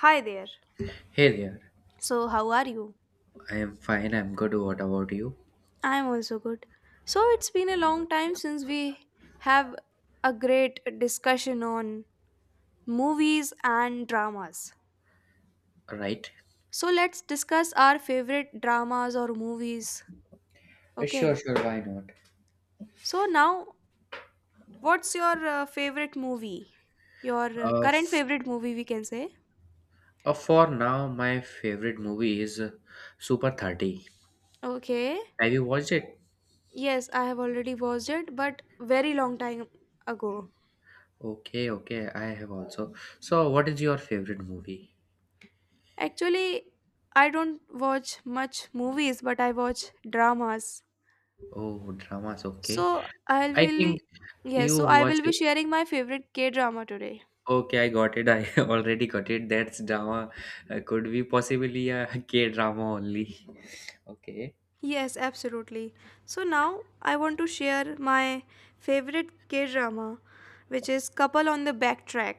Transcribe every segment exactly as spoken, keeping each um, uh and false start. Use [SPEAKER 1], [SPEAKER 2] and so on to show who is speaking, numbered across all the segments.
[SPEAKER 1] Hi there.
[SPEAKER 2] Hey there.
[SPEAKER 1] So, how are you?
[SPEAKER 2] I am fine. I'm good. What about you?
[SPEAKER 1] I'm also good. So, it's been a long time since we have a great discussion on movies and dramas.
[SPEAKER 2] Right?
[SPEAKER 1] So, let's discuss our favorite dramas or movies.
[SPEAKER 2] Uh, Sure,
[SPEAKER 1] Okay.
[SPEAKER 2] sure. Why not?
[SPEAKER 1] So, now what's your uh, favorite movie? Your uh,
[SPEAKER 2] Uh,
[SPEAKER 1] current
[SPEAKER 2] f-
[SPEAKER 1] favorite movie, we can say.
[SPEAKER 2] uh, for now, my favorite movie is uh, Super thirty.
[SPEAKER 1] Okay.
[SPEAKER 2] Have you watched it?
[SPEAKER 1] Yes, I have already watched it, but very long time ago.
[SPEAKER 2] Okay, okay. I have also. So, what is your favorite movie?
[SPEAKER 1] Actually, I don't watch much movies, but I watch dramas.
[SPEAKER 2] Oh, dramas. Okay.
[SPEAKER 1] So I will
[SPEAKER 2] I think
[SPEAKER 1] be Yes,
[SPEAKER 2] you
[SPEAKER 1] so I
[SPEAKER 2] watch
[SPEAKER 1] will be
[SPEAKER 2] it.
[SPEAKER 1] sharing my favorite K drama today.
[SPEAKER 2] Okay, I got it. I already got it. That's drama. Uh, could be possibly a K drama only. Okay.
[SPEAKER 1] Yes, absolutely. So now I want to share my favorite K drama, which is Couple on the Backtrack.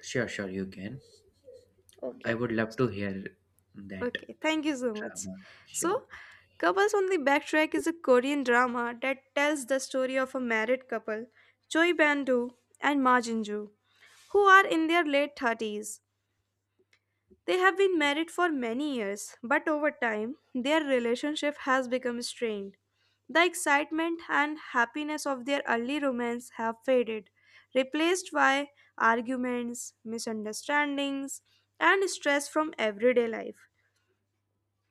[SPEAKER 2] Sure, sure. You can. I
[SPEAKER 1] Okay.
[SPEAKER 2] would love to hear that.
[SPEAKER 1] Okay, thank you so much.
[SPEAKER 2] Drama. Sure.
[SPEAKER 1] So, Couples on the Backtrack is a Korean drama that tells the story of a married couple, Choi Ban-doo and Ma Jin-joo, who are in their late thirties. They have been married for many years, but over time, their relationship has become strained. The excitement and happiness of their early romance have faded, replaced by arguments, misunderstandings, and stress from everyday life.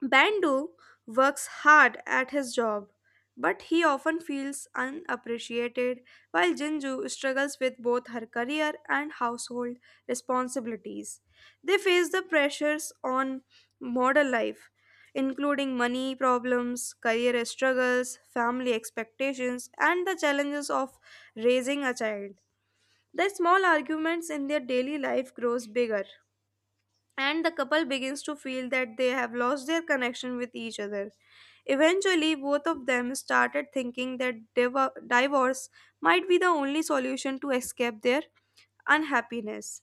[SPEAKER 1] Bandu works hard at his job, but he often feels unappreciated, while Jinju struggles with both her career and household responsibilities. They face the pressures on modern life, including money problems, career struggles, family expectations, and the challenges of raising a child. The small arguments in their daily life grows bigger and the couple begins to feel that they have lost their connection with each other. Eventually, both of them started thinking that div- divorce might be the only solution to escape their unhappiness.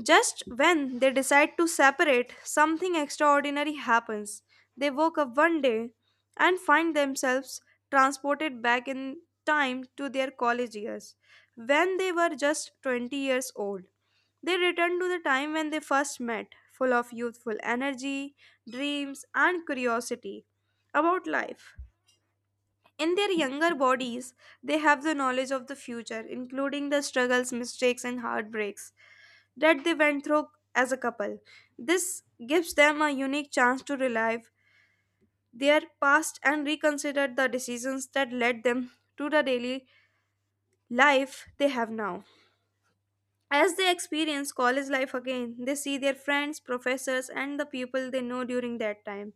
[SPEAKER 1] Just when they decide to separate, something extraordinary happens. They woke up one day and find themselves transported back in time to their college years, when they were just twenty years old. They return to the time when they first met, full of youthful energy, dreams, and curiosity about life. In their younger bodies, they have the knowledge of the future, including the struggles, mistakes, and heartbreaks that they went through as a couple. This gives them a unique chance to relive their past and reconsider the decisions that led them to the daily life they have now. As they experience college life again, they see their friends, professors, and the people they know during that time.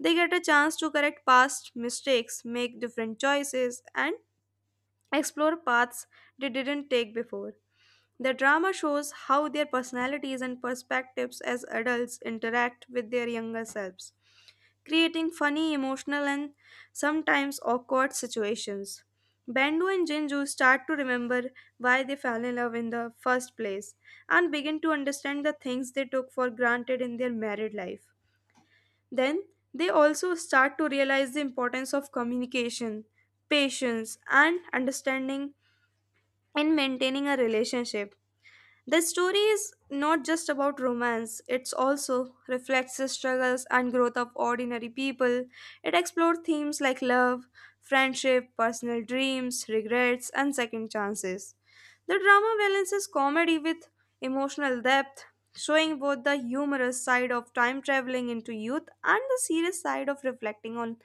[SPEAKER 1] They get a chance to correct past mistakes, make different choices, and explore paths they didn't take before. The drama shows how their personalities and perspectives as adults interact with their younger selves, creating funny, emotional, and sometimes awkward situations. Bendu and Jinju start to remember why they fell in love in the first place and begin to understand the things they took for granted in their married life. Then, they also start to realize the importance of communication, patience, and understanding in maintaining a relationship. The story is not just about romance, it also reflects the struggles and growth of ordinary people. It explores themes like love, friendship, personal dreams, regrets, and second chances. The drama balances comedy with emotional depth, showing both the humorous side of time traveling into youth and the serious side of reflecting on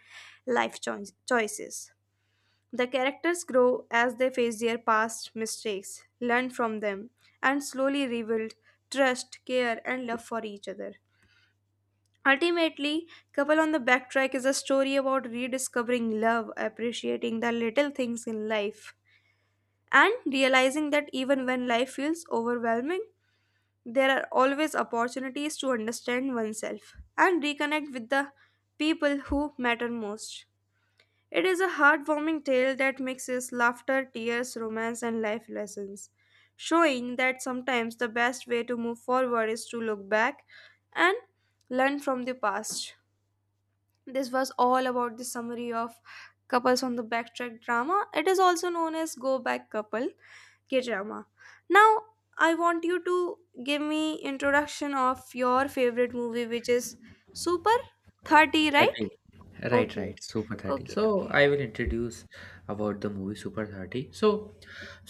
[SPEAKER 1] life choi- choices. The characters grow as they face their past mistakes, learn from them, and slowly rebuild trust, care, and love for each other. Ultimately, Couple on the Backtrack is a story about rediscovering love, appreciating the little things in life, and realizing that even when life feels overwhelming, there are always opportunities to understand oneself and reconnect with the people who matter most. It is a heartwarming tale that mixes laughter, tears, romance, and life lessons, showing that sometimes the best way to move forward is to look back and learn from the past. This was all about the summary of Couples on the Backtrack drama. It is also known as Go Back Couple K drama. Now, I want you to give me introduction of your favorite movie, which is Super thirty, right?
[SPEAKER 2] thirty. Right,
[SPEAKER 1] Okay,
[SPEAKER 2] right. Super thirty.
[SPEAKER 1] okay,
[SPEAKER 2] So
[SPEAKER 1] okay.
[SPEAKER 2] I will introduce about the movie Super thirty. So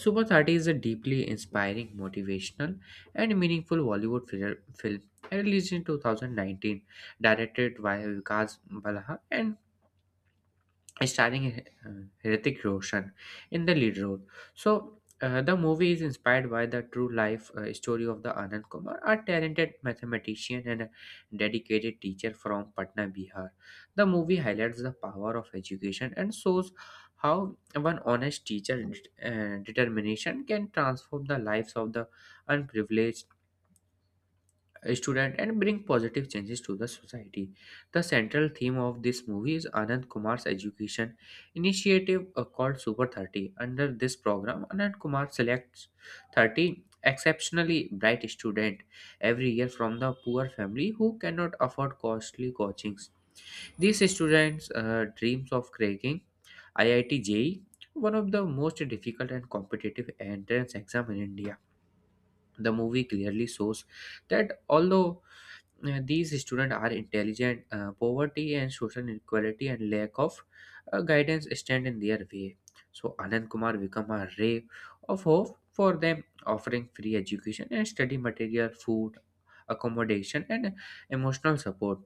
[SPEAKER 2] Super thirty is a deeply inspiring, motivational, and meaningful Bollywood fil- film released in two thousand nineteen, directed by Vikas Balha, and starring uh, Hrithik Roshan in the lead role. So uh, the movie is inspired by the true life uh, story of the Anand Kumar, a talented mathematician and a dedicated teacher from Patna, Bihar. The movie highlights the power of education and shows how one honest teacher uh, determination can transform the lives of the unprivileged student and bring positive changes to the society. The central theme of this movie is Anand Kumar's education initiative, uh, called Super thirty. Under this program, Anand Kumar selects thirty exceptionally bright students every year from the poor family who cannot afford costly coachings. These students uh, dreams of cracking I I T J E E, one of the most difficult and competitive entrance exam in India. The movie clearly shows that although uh, these students are intelligent, Uh, poverty and social inequality and lack of uh, guidance stand in their way. So Anand Kumar become a ray of hope for them, offering free education and study material, food, accommodation, and emotional support.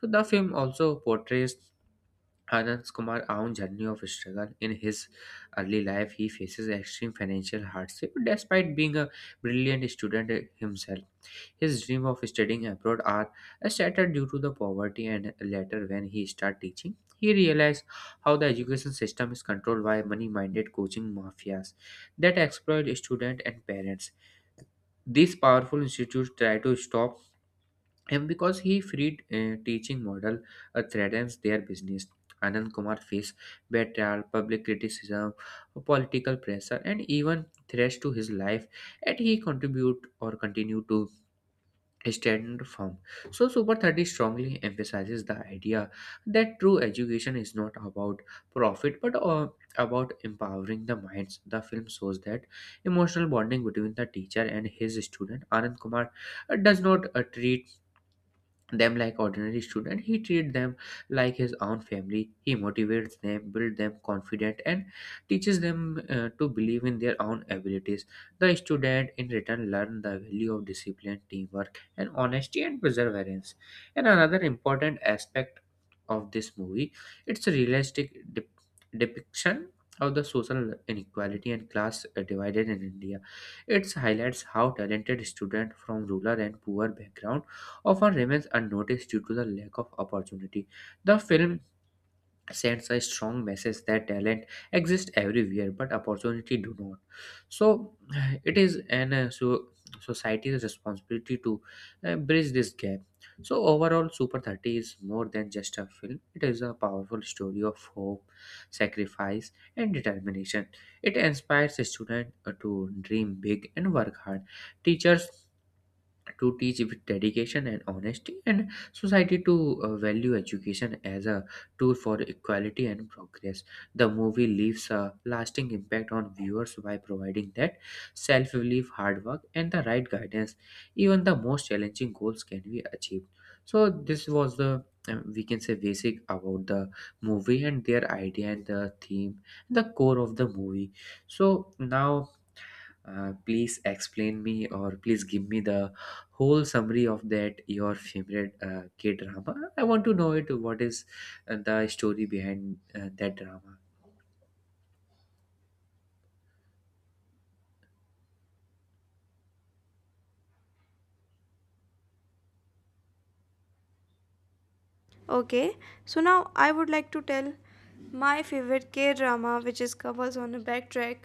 [SPEAKER 2] So the film also portrays Anand Kumar's own journey of struggle. In his early life, he faces extreme financial hardship despite being a brilliant student himself. His dream of studying abroad are shattered due to the poverty, and later when he started teaching, he realized how the education system is controlled by money-minded coaching mafias that exploit students and parents. These powerful institutes try to stop him because he freed uh, teaching model uh, threatens their business. Anand Kumar faced betrayal, public criticism, political pressure, and even threats to his life, and he contribute or continue to standard form. So, Super thirty strongly emphasizes the idea that true education is not about profit but uh, about empowering the minds. The film shows that emotional bonding between the teacher and his student, Anand Kumar, uh, does not uh, treat them like ordinary student. He treats them like his own family. He motivates them, builds them confident, and teaches them uh, to believe in their own abilities. The student in return learn the value of discipline, teamwork, and honesty, and perseverance. And another important aspect of this movie, it's a realistic dep- depiction of the social inequality and class uh, divided in India. It highlights how talented students from rural and poor background often remains unnoticed due to the lack of opportunity. The film sends a strong message that talent exists everywhere but opportunity do not. So it is an uh, so society's responsibility to uh, bridge this gap. So overall, Super thirty is more than just a film. It is a powerful story of hope, sacrifice, and determination. It inspires students to dream big and work hard. Teachers to teach with dedication and honesty, and society to uh, value education as a tool for equality and progress. The movie leaves a lasting impact on viewers by providing that self-belief, hard work, and the right guidance, even the most challenging goals can be achieved. So this was the, um, we can say, basic about the movie and their idea and the theme, the core of the movie. So now, uh, please explain me or please give me the whole summary of that your favorite uh, K drama. I want to know it. What is uh, the story behind uh, that drama?
[SPEAKER 1] Okay, so now I would like to tell my favorite K drama, which is Couples on a Backtrack,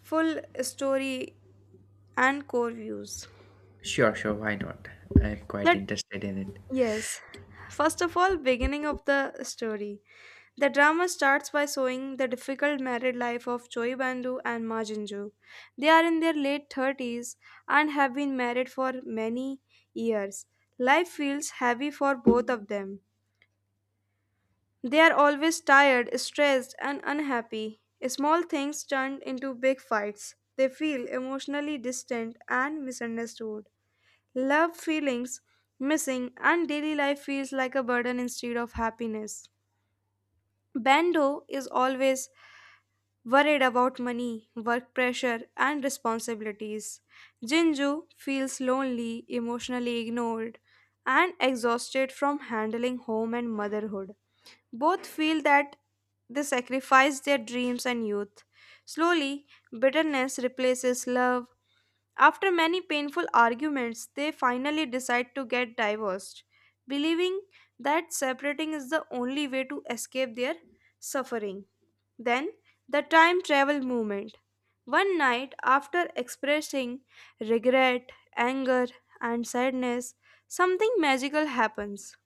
[SPEAKER 1] full story and core views.
[SPEAKER 2] Sure, sure. Why not? I'm quite
[SPEAKER 1] That,
[SPEAKER 2] interested in it.
[SPEAKER 1] yes. First of all, beginning of the story. The drama starts by showing the difficult married life of Choi Bandu and Ma Jinju. They are in their late thirties and have been married for many years. Life feels heavy for both of them. They are always tired, stressed, and unhappy. Small things turn into big fights. They feel emotionally distant and misunderstood. Love feelings missing, and daily life feels like a burden instead of happiness. Bando is always worried about money, work pressure, and responsibilities. Jinju feels lonely, emotionally ignored, and exhausted from handling home and motherhood. Both feel that they sacrificed their dreams and youth. Slowly, bitterness replaces love. After many painful arguments, they finally decide to get divorced, believing that separating is the only way to escape their suffering. Then, the time travel movement. One night, after expressing regret, anger, and sadness, something magical happens.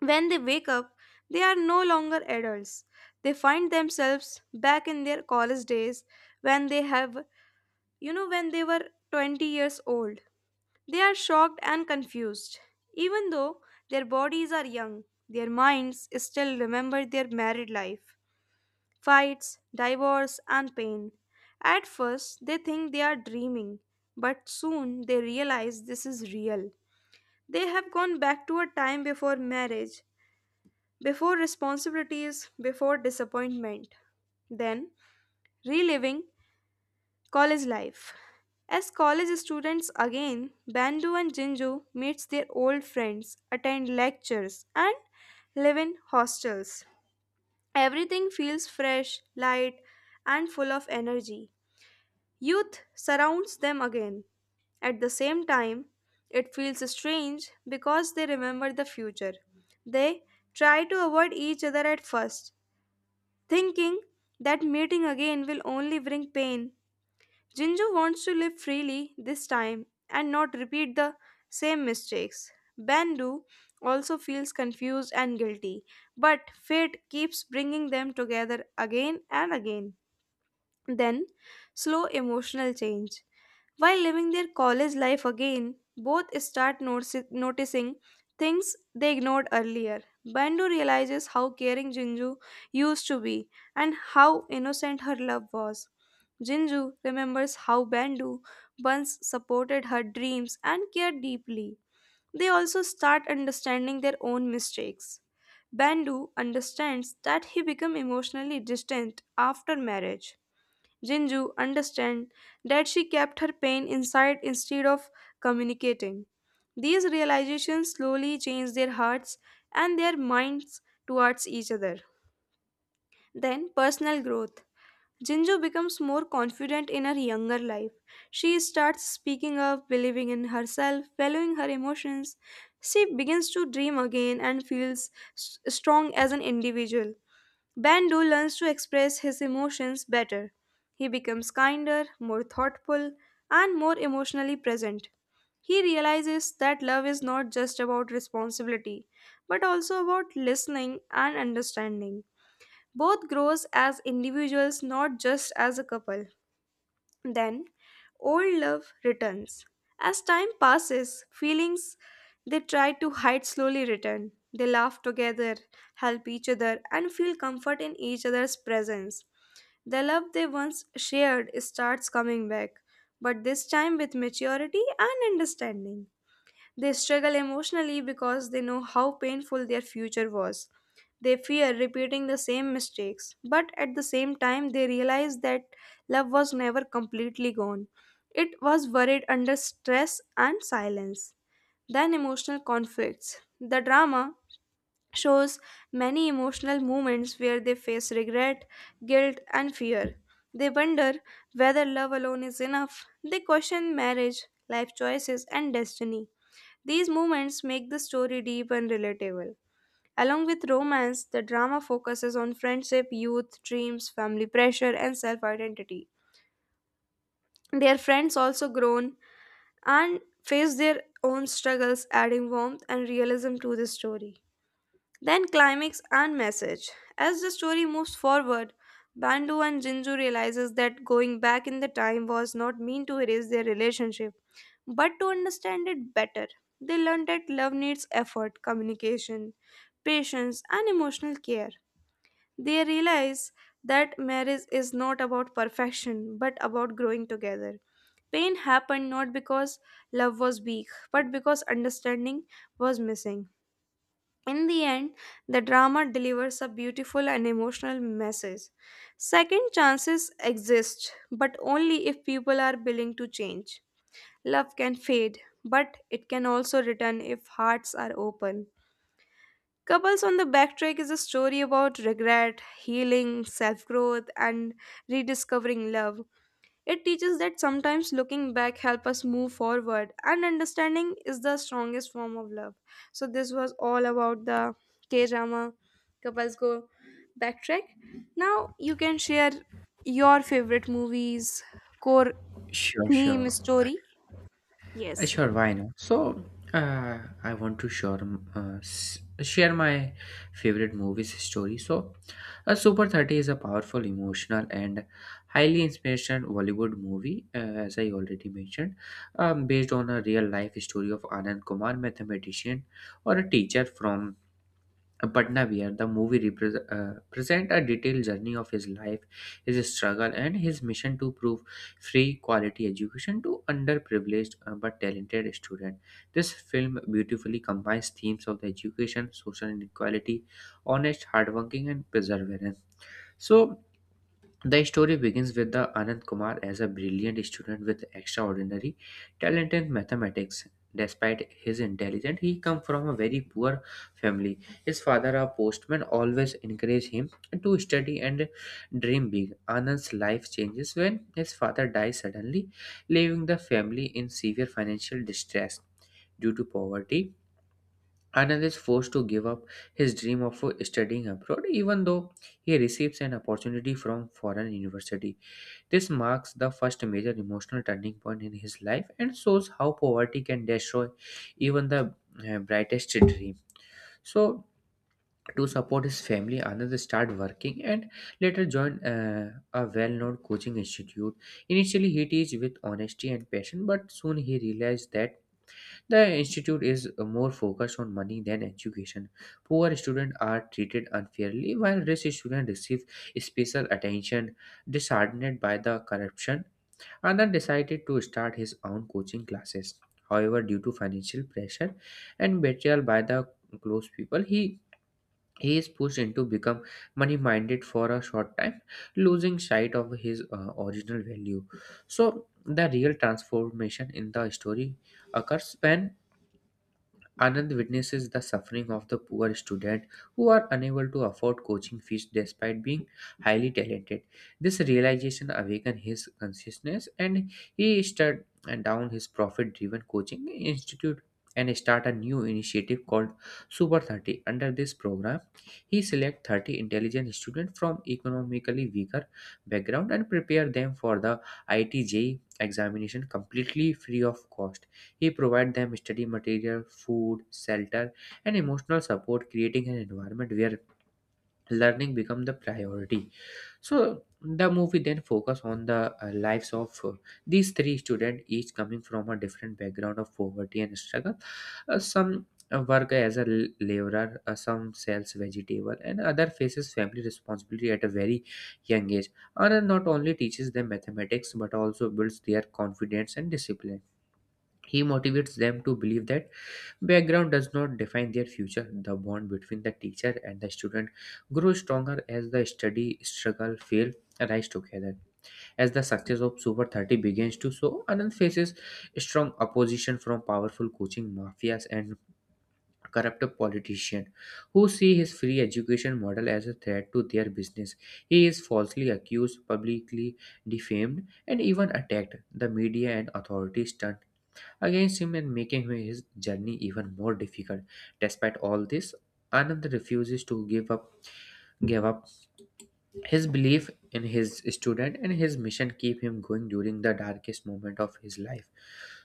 [SPEAKER 1] When they wake up, they are no longer adults. They find themselves back in their college days when they have, you know, when they were twenty years old. They are shocked and confused. Even though their bodies are young, their minds still remember their married life, fights, divorce, and pain. At first, they think they are dreaming, but soon they realize this is real. They have gone back to a time before marriage, before responsibilities, before disappointment, then reliving college life. As college students again, Bandu and Jinju meets their old friends, attend lectures, and live in hostels. Everything feels fresh, light, and full of energy. Youth surrounds them again. At the same time, it feels strange because they remember the future. They try to avoid each other at first, thinking that meeting again will only bring pain. Jinju wants to live freely this time and not repeat the same mistakes. Bandu also feels confused and guilty, but fate keeps bringing them together again and again. Then, slow emotional change. While living their college life again, both start notici- noticing things they ignored earlier. Bandu realizes how caring Jinju used to be and how innocent her love was. Jinju remembers how Bandu once supported her dreams and cared deeply. They also start understanding their own mistakes. Bandu understands that he became emotionally distant after marriage. Jinju understand that she kept her pain inside instead of communicating. These realizations slowly change their hearts and their minds towards each other. Then, personal growth. Jinju becomes more confident in her younger life. She starts speaking up, believing in herself, valuing her emotions. She begins to dream again and feels s- strong as an individual. Bando learns to express his emotions better. He becomes kinder, more thoughtful, and more emotionally present. He realizes that love is not just about responsibility, but also about listening and understanding. Both grows as individuals, not just as a couple. Then old love returns. As time passes, feelings they try to hide slowly return. They laugh together, help each other, and feel comfort in each other's presence. The love they once shared starts coming back, but this time with maturity and understanding. They struggle emotionally because they know how painful their future was. They fear repeating the same mistakes, but at the same time, they realize that love was never completely gone. It was worried under stress and silence. Then, emotional conflicts. The drama shows many emotional moments where they face regret, guilt, and fear. They wonder whether love alone is enough. They question marriage, life choices, and destiny. These moments make the story deep and relatable. Along with romance, the drama focuses on friendship, youth, dreams, family pressure, and self identity. Their friends also grown and face their own struggles, adding warmth and realism to the story. Then climax and message. As the story moves forward, Bandu and Jinju realizes that going back in the time was not mean to erase their relationship, but to understand it better. They learn that love needs effort, communication, patience, and emotional care. They realize that marriage is not about perfection but about growing together. Pain happened not because love was weak but because understanding was missing. In the end, the drama delivers a beautiful and emotional message. Second chances exist, but only if people are willing to change. Love can fade, but it can also return if hearts are open. Couples on the Backtrack is a story about regret, healing, self growth, and rediscovering love. It teaches that sometimes looking back helps us move forward, and understanding is the strongest form of love. So, this was all about the K drama Couples Go Backtrack. Now, you can share your favorite movies, core
[SPEAKER 2] Sure,
[SPEAKER 1] theme,
[SPEAKER 2] sure.
[SPEAKER 1] story.
[SPEAKER 2] Uh,
[SPEAKER 1] Yes.
[SPEAKER 2] Sure, why not? So, uh, I want to share, uh, s- share my favorite movies story. So, uh, Super thirty is a powerful, emotional, and highly inspirational Bollywood movie, uh, as I already mentioned, um, based on a real life story of Anand Kumar, mathematician or a teacher from Batnavir. The movie repre- uh, present a detailed journey of his life, his struggle, and his mission to prove free quality education to underprivileged uh, but talented students. This film beautifully combines themes of the education, social inequality, honest, hardworking, and perseverance. So the story begins with the Anand Kumar as a brilliant student with extraordinary talent in mathematics. Despite his intelligence, he comes from a very poor family. His father, a postman, always encouraged him to study and dream big. Anand's life changes when his father dies suddenly, leaving the family in severe financial distress due to poverty. Anand is forced to give up his dream of studying abroad, even though he receives an opportunity from foreign university. This marks the first major emotional turning point in his life and shows how poverty can destroy even the uh, brightest dream. So, to support his family, Anand started working and later joined uh, a well known coaching institute. Initially, he teach with honesty and passion, but soon he realized that the institute is more focused on money than education. Poor students are treated unfairly, while rich students receive special attention. Disheartened by the corruption, Anand decided to start his own coaching classes. However, due to financial pressure and betrayal by the close people, he, he is pushed into become money-minded for a short time, losing sight of his uh, original value. So, the real transformation in the story occurs when Anand witnesses the suffering of the poor students who are unable to afford coaching fees despite being highly talented. This realization awakened his consciousness, and he shut down his profit driven coaching institute and start a new initiative called Super thirty. Under this program, he select thirty intelligent students from economically weaker background and prepare them for the I T J examination completely free of cost. He provides them study material, food, shelter, and emotional support, creating an environment where learning becomes the priority. So the movie then focus on the uh, lives of uh, these three students, each coming from a different background of poverty and struggle. Uh, some uh, work as a l- laborer, uh, some sells vegetable, and other faces family responsibility at a very young age. Anand not only teaches them mathematics but also builds their confidence and discipline. He motivates them to believe that background does not define their future. The bond between the teacher and the student grows stronger as the study, struggle, fail, rise together. As the success of Super thirty begins to show, Anand faces strong opposition from powerful coaching mafias and corrupt politicians who see his free education model as a threat to their business. He is falsely accused, publicly defamed, and even attacked. The media and authorities turn against him, and making his journey even more difficult. Despite all this, Anand refuses to give up give up his belief in his student, and his mission keep him going during the darkest moment of his life.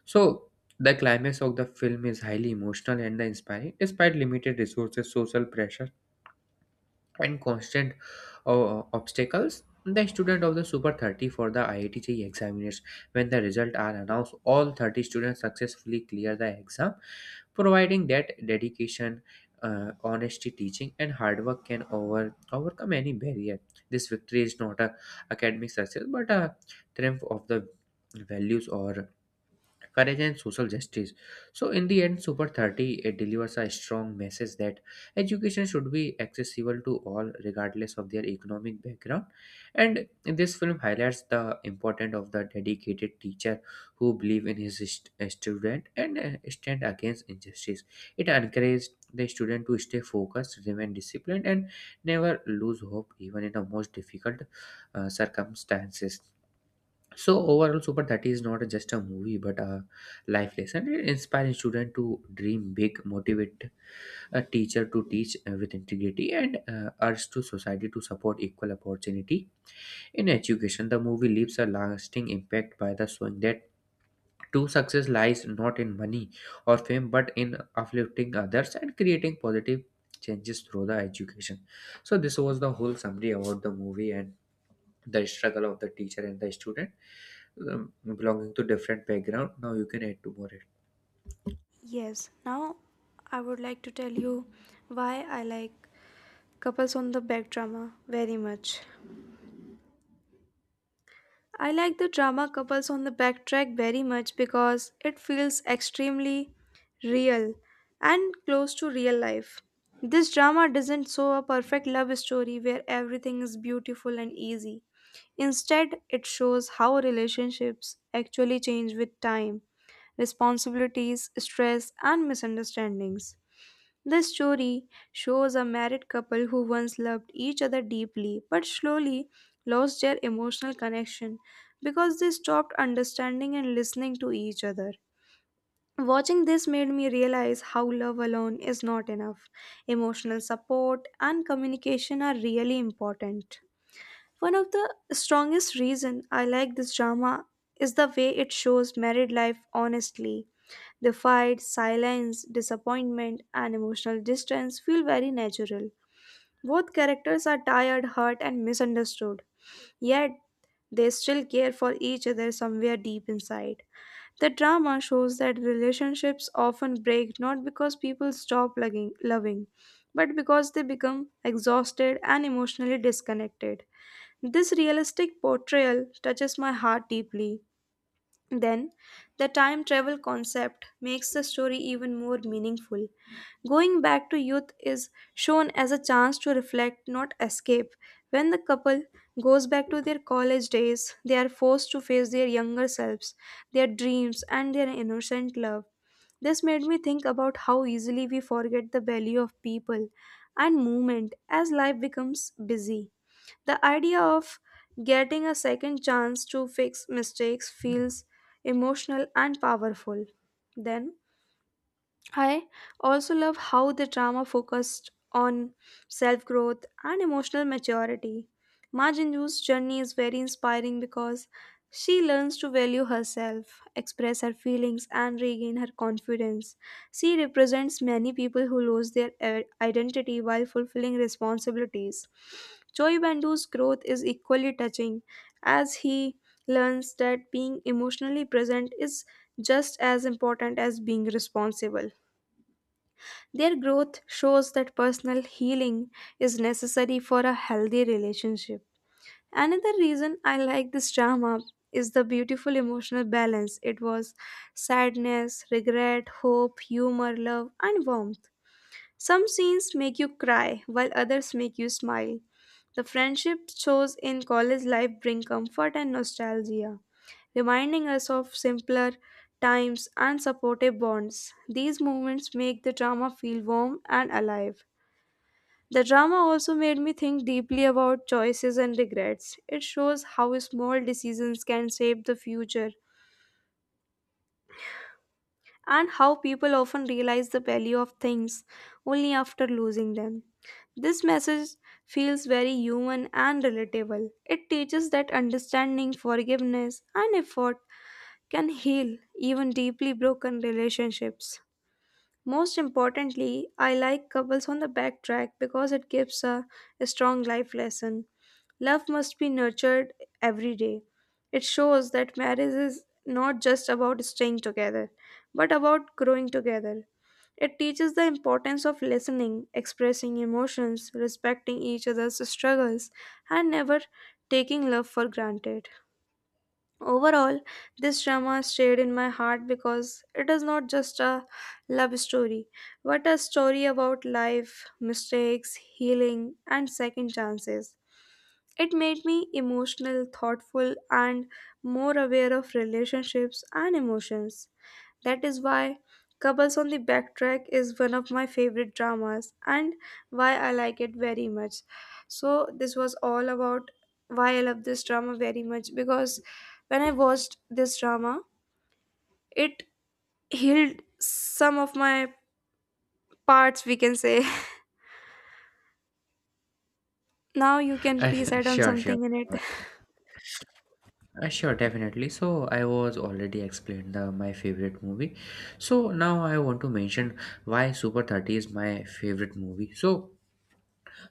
[SPEAKER 2] So the climax of the film is highly emotional and inspiring. Despite limited resources, social pressure, and constant uh, obstacles, the student of the Super thirty for the I I T J E E examiners, when the results are announced, all thirty students successfully clear the exam, providing that dedication, uh, honesty teaching, and hard work can over overcome any barrier. This victory is not a academic success but a triumph of the values or courage and social justice. So in the end, Super thirty, it delivers a strong message that education should be accessible to all regardless of their economic background. And this film highlights the importance of the dedicated teacher who believe in his st- uh, student and uh, stand against injustice. It encourages the student to stay focused, remain disciplined, and never lose hope even in the most difficult uh, circumstances. So overall, Super thirty is not just a movie but a life lesson. It inspires students to dream big, motivate a teacher to teach uh, with integrity, and uh, urge to society to support equal opportunity in education. The movie leaves a lasting impact by the showing that true success lies not in money or fame but in uplifting others and creating positive changes through the education. So this was the whole summary about the movie and the struggle of the teacher and the student, um, belonging to different background. Now you can add to more it.
[SPEAKER 1] Yes. Now, I would like to tell you why I like Couples on the back drama, very much. I like the drama couples on the backtrack very much because it feels extremely real and close to real life. This drama doesn't show a perfect love story where everything is beautiful and easy. Instead, it shows how relationships actually change with time, responsibilities, stress, and misunderstandings. The story shows a married couple who once loved each other deeply but slowly lost their emotional connection because they stopped understanding and listening to each other. Watching this made me realize how love alone is not enough. Emotional support and communication are really important. One of the strongest reason I like this drama is the way it shows married life honestly, the fight, silence, disappointment, and emotional distance feel very natural. Both characters are tired, hurt, and misunderstood, yet they still care for each other somewhere deep inside. The drama shows that relationships often break not because people stop loving, loving, but because they become exhausted and emotionally disconnected. This realistic portrayal touches my heart deeply. Then, the time travel concept makes the story even more meaningful. Going back to youth is shown as a chance to reflect, not escape. When the couple goes back to their college days, they are forced to face their younger selves, their dreams, and their innocent love. This made me think about how easily we forget the value of people and movement as life becomes busy. The idea of getting a second chance to fix mistakes feels emotional and powerful. Then, I also love how the drama focused on self growth and emotional maturity. Ma Jinju's journey is very inspiring because she learns to value herself, express her feelings, and regain her confidence. She represents many people who lose their i- identity while fulfilling responsibilities. Choi Bandu's growth is equally touching as he learns that being emotionally present is just as important as being responsible. Their growth shows that personal healing is necessary for a healthy relationship. Another reason I like this drama is the beautiful emotional balance. It was sadness, regret, hope, humor, love, and warmth. Some scenes make you cry, while others make you smile. The friendships shows in college life bring comfort and nostalgia, reminding us of simpler times and supportive bonds. These moments make the drama feel warm and alive. The drama also made me think deeply about choices and regrets. It shows how small decisions can shape the future and how people often realize the value of things only after losing them. This message feels very human and relatable. It teaches that understanding, forgiveness, and effort can heal even deeply broken relationships. Most importantly, I like couples on the backtrack because it gives a strong life lesson. Love must be nurtured every day. It shows that marriage is not just about staying together, but about growing together. It teaches the importance of listening, expressing emotions, respecting each other's struggles, and never taking love for granted. Overall, this drama stayed in my heart because it is not just a love story, but a story about life, mistakes, healing, and second chances. It made me emotional, thoughtful, and more aware of relationships and emotions. That is why Couples on the Backtrack is one of my favorite dramas and why I like it very much. So, this was all about why I love this drama very much because when I watched this drama, it healed some of my parts, we can say. Now, you can
[SPEAKER 2] Uh,
[SPEAKER 1] please add on
[SPEAKER 2] sure, sure.
[SPEAKER 1] something in it.
[SPEAKER 2] Uh, sure, definitely. So I was already explained the, my favorite movie. So now I want to mention why Super thirty is my favorite movie. So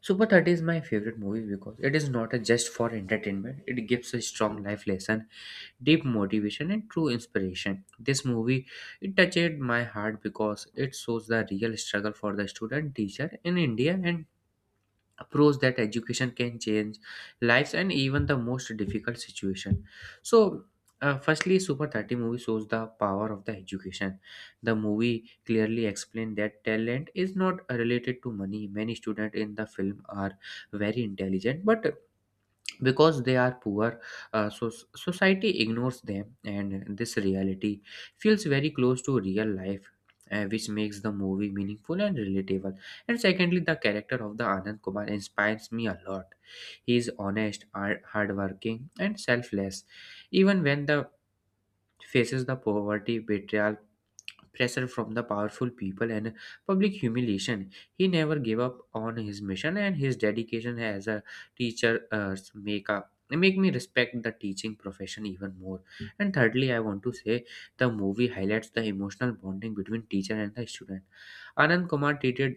[SPEAKER 2] Super thirty is my favorite movie because it is not a just for entertainment. It gives a strong life lesson, deep motivation and true inspiration. This movie it touched my heart because it shows the real struggle for the student, teacher in India and approach that education can change lives and even the most difficult situation. So uh, firstly super thirty movie shows the power of the education. The movie clearly explained that talent is not related to money. Many students in the film are very intelligent, but because they are poor, uh, so society ignores them, and this reality feels very close to real life, uh, which makes the movie meaningful and relatable. And secondly, the character of the Anand Kumar inspires me a lot. He is honest, hard- hardworking and selfless. Even when the faces the poverty, betrayal, pressure from the powerful people and public humiliation, he never gave up on his mission, and his dedication as a teacher uh, make up make me respect the teaching profession even more. And thirdly, I want to say the movie highlights the emotional bonding between teacher and the student. Anand Kumar treated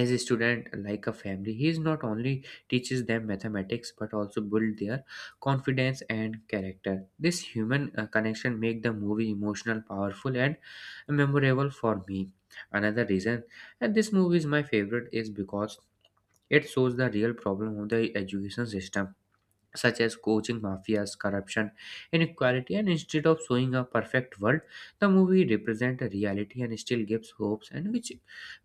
[SPEAKER 2] as a student like a family. He is not only teaches them mathematics but also build their confidence and character. This human uh, connection make the movie emotional, powerful and memorable for me. Another reason and this movie is my favorite is because it shows the real problem of the education system, such as coaching mafias, corruption, inequality, and instead of showing a perfect world, the movie represents a reality and still gives hopes, and which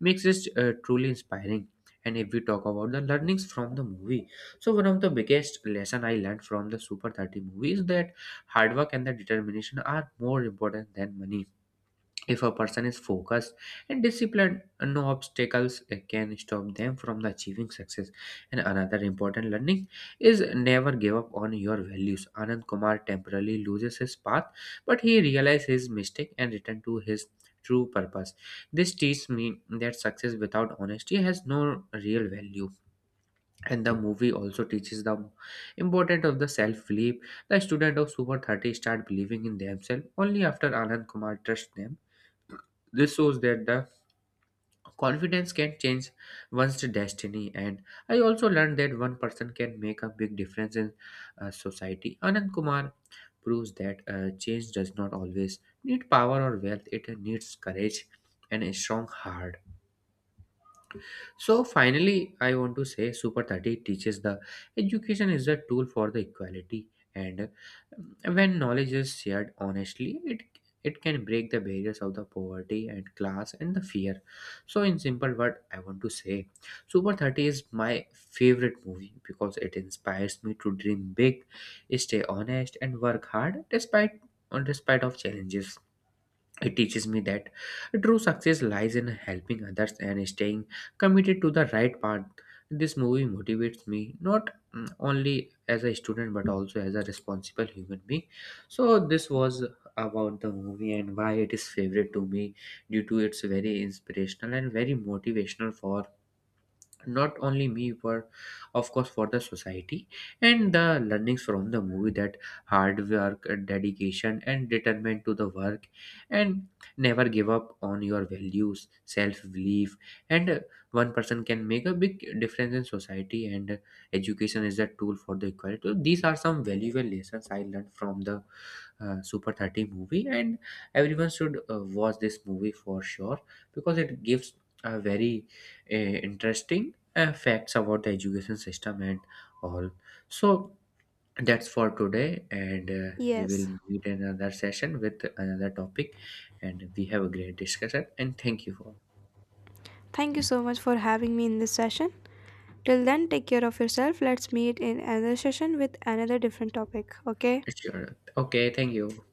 [SPEAKER 2] makes it uh, truly inspiring. And if we talk about the learnings from the movie, so one of the biggest lesson I learned from the Super thirty movie is that hard work and the determination are more important than money. If a person is focused and disciplined, no obstacles uh, can stop them from the achieving success. And another important learning is never give up on your values. Anand Kumar temporarily loses his path, but he realizes his mistake and returns to his true purpose. This teaches me that success without honesty has no real value. And the movie also teaches the importance of the self-belief. The student of Super thirty start believing in themselves only after Anand Kumar trusts them. This shows that the confidence can change one's destiny. And I also learned that one person can make a big difference in uh, society. Anand Kumar proves that uh, change does not always need power or wealth, it needs courage and a strong heart. So finally, I want to say Super thirty teaches the education is a tool for the equality, and um, when knowledge is shared honestly, it it can break the barriers of the poverty and class and the fear. So in simple word, I want to say Super thirty is my favorite movie because it inspires me to dream big, stay honest and work hard despite despite of challenges. It teaches me that true success lies in helping others and staying committed to the right path. This movie motivates me not mm, only as a student but also as a responsible human being. So this was about the movie and why it is favorite to me due to it's very inspirational and very motivational for not only me but of course for the society, and the learnings from the movie that hard work, uh, dedication and determined to the work, and never give up on your values, self-belief, and uh, one person can make a big difference in society, and uh, education is a tool for the equality. So these are some valuable lessons I learned from the uh, super thirty movie, and everyone should uh, watch this movie for sure because it gives a very uh, interesting uh, facts about the education system and all. So that's for today, and uh, we will
[SPEAKER 1] Yes.
[SPEAKER 2] meet in another session with another topic, and we have a great discussion. And thank you for
[SPEAKER 1] Thank you so much for having me in this session. Till then, take care of yourself. Let's meet in another session with another different topic. Okay.
[SPEAKER 2] it's your okay. Thank you.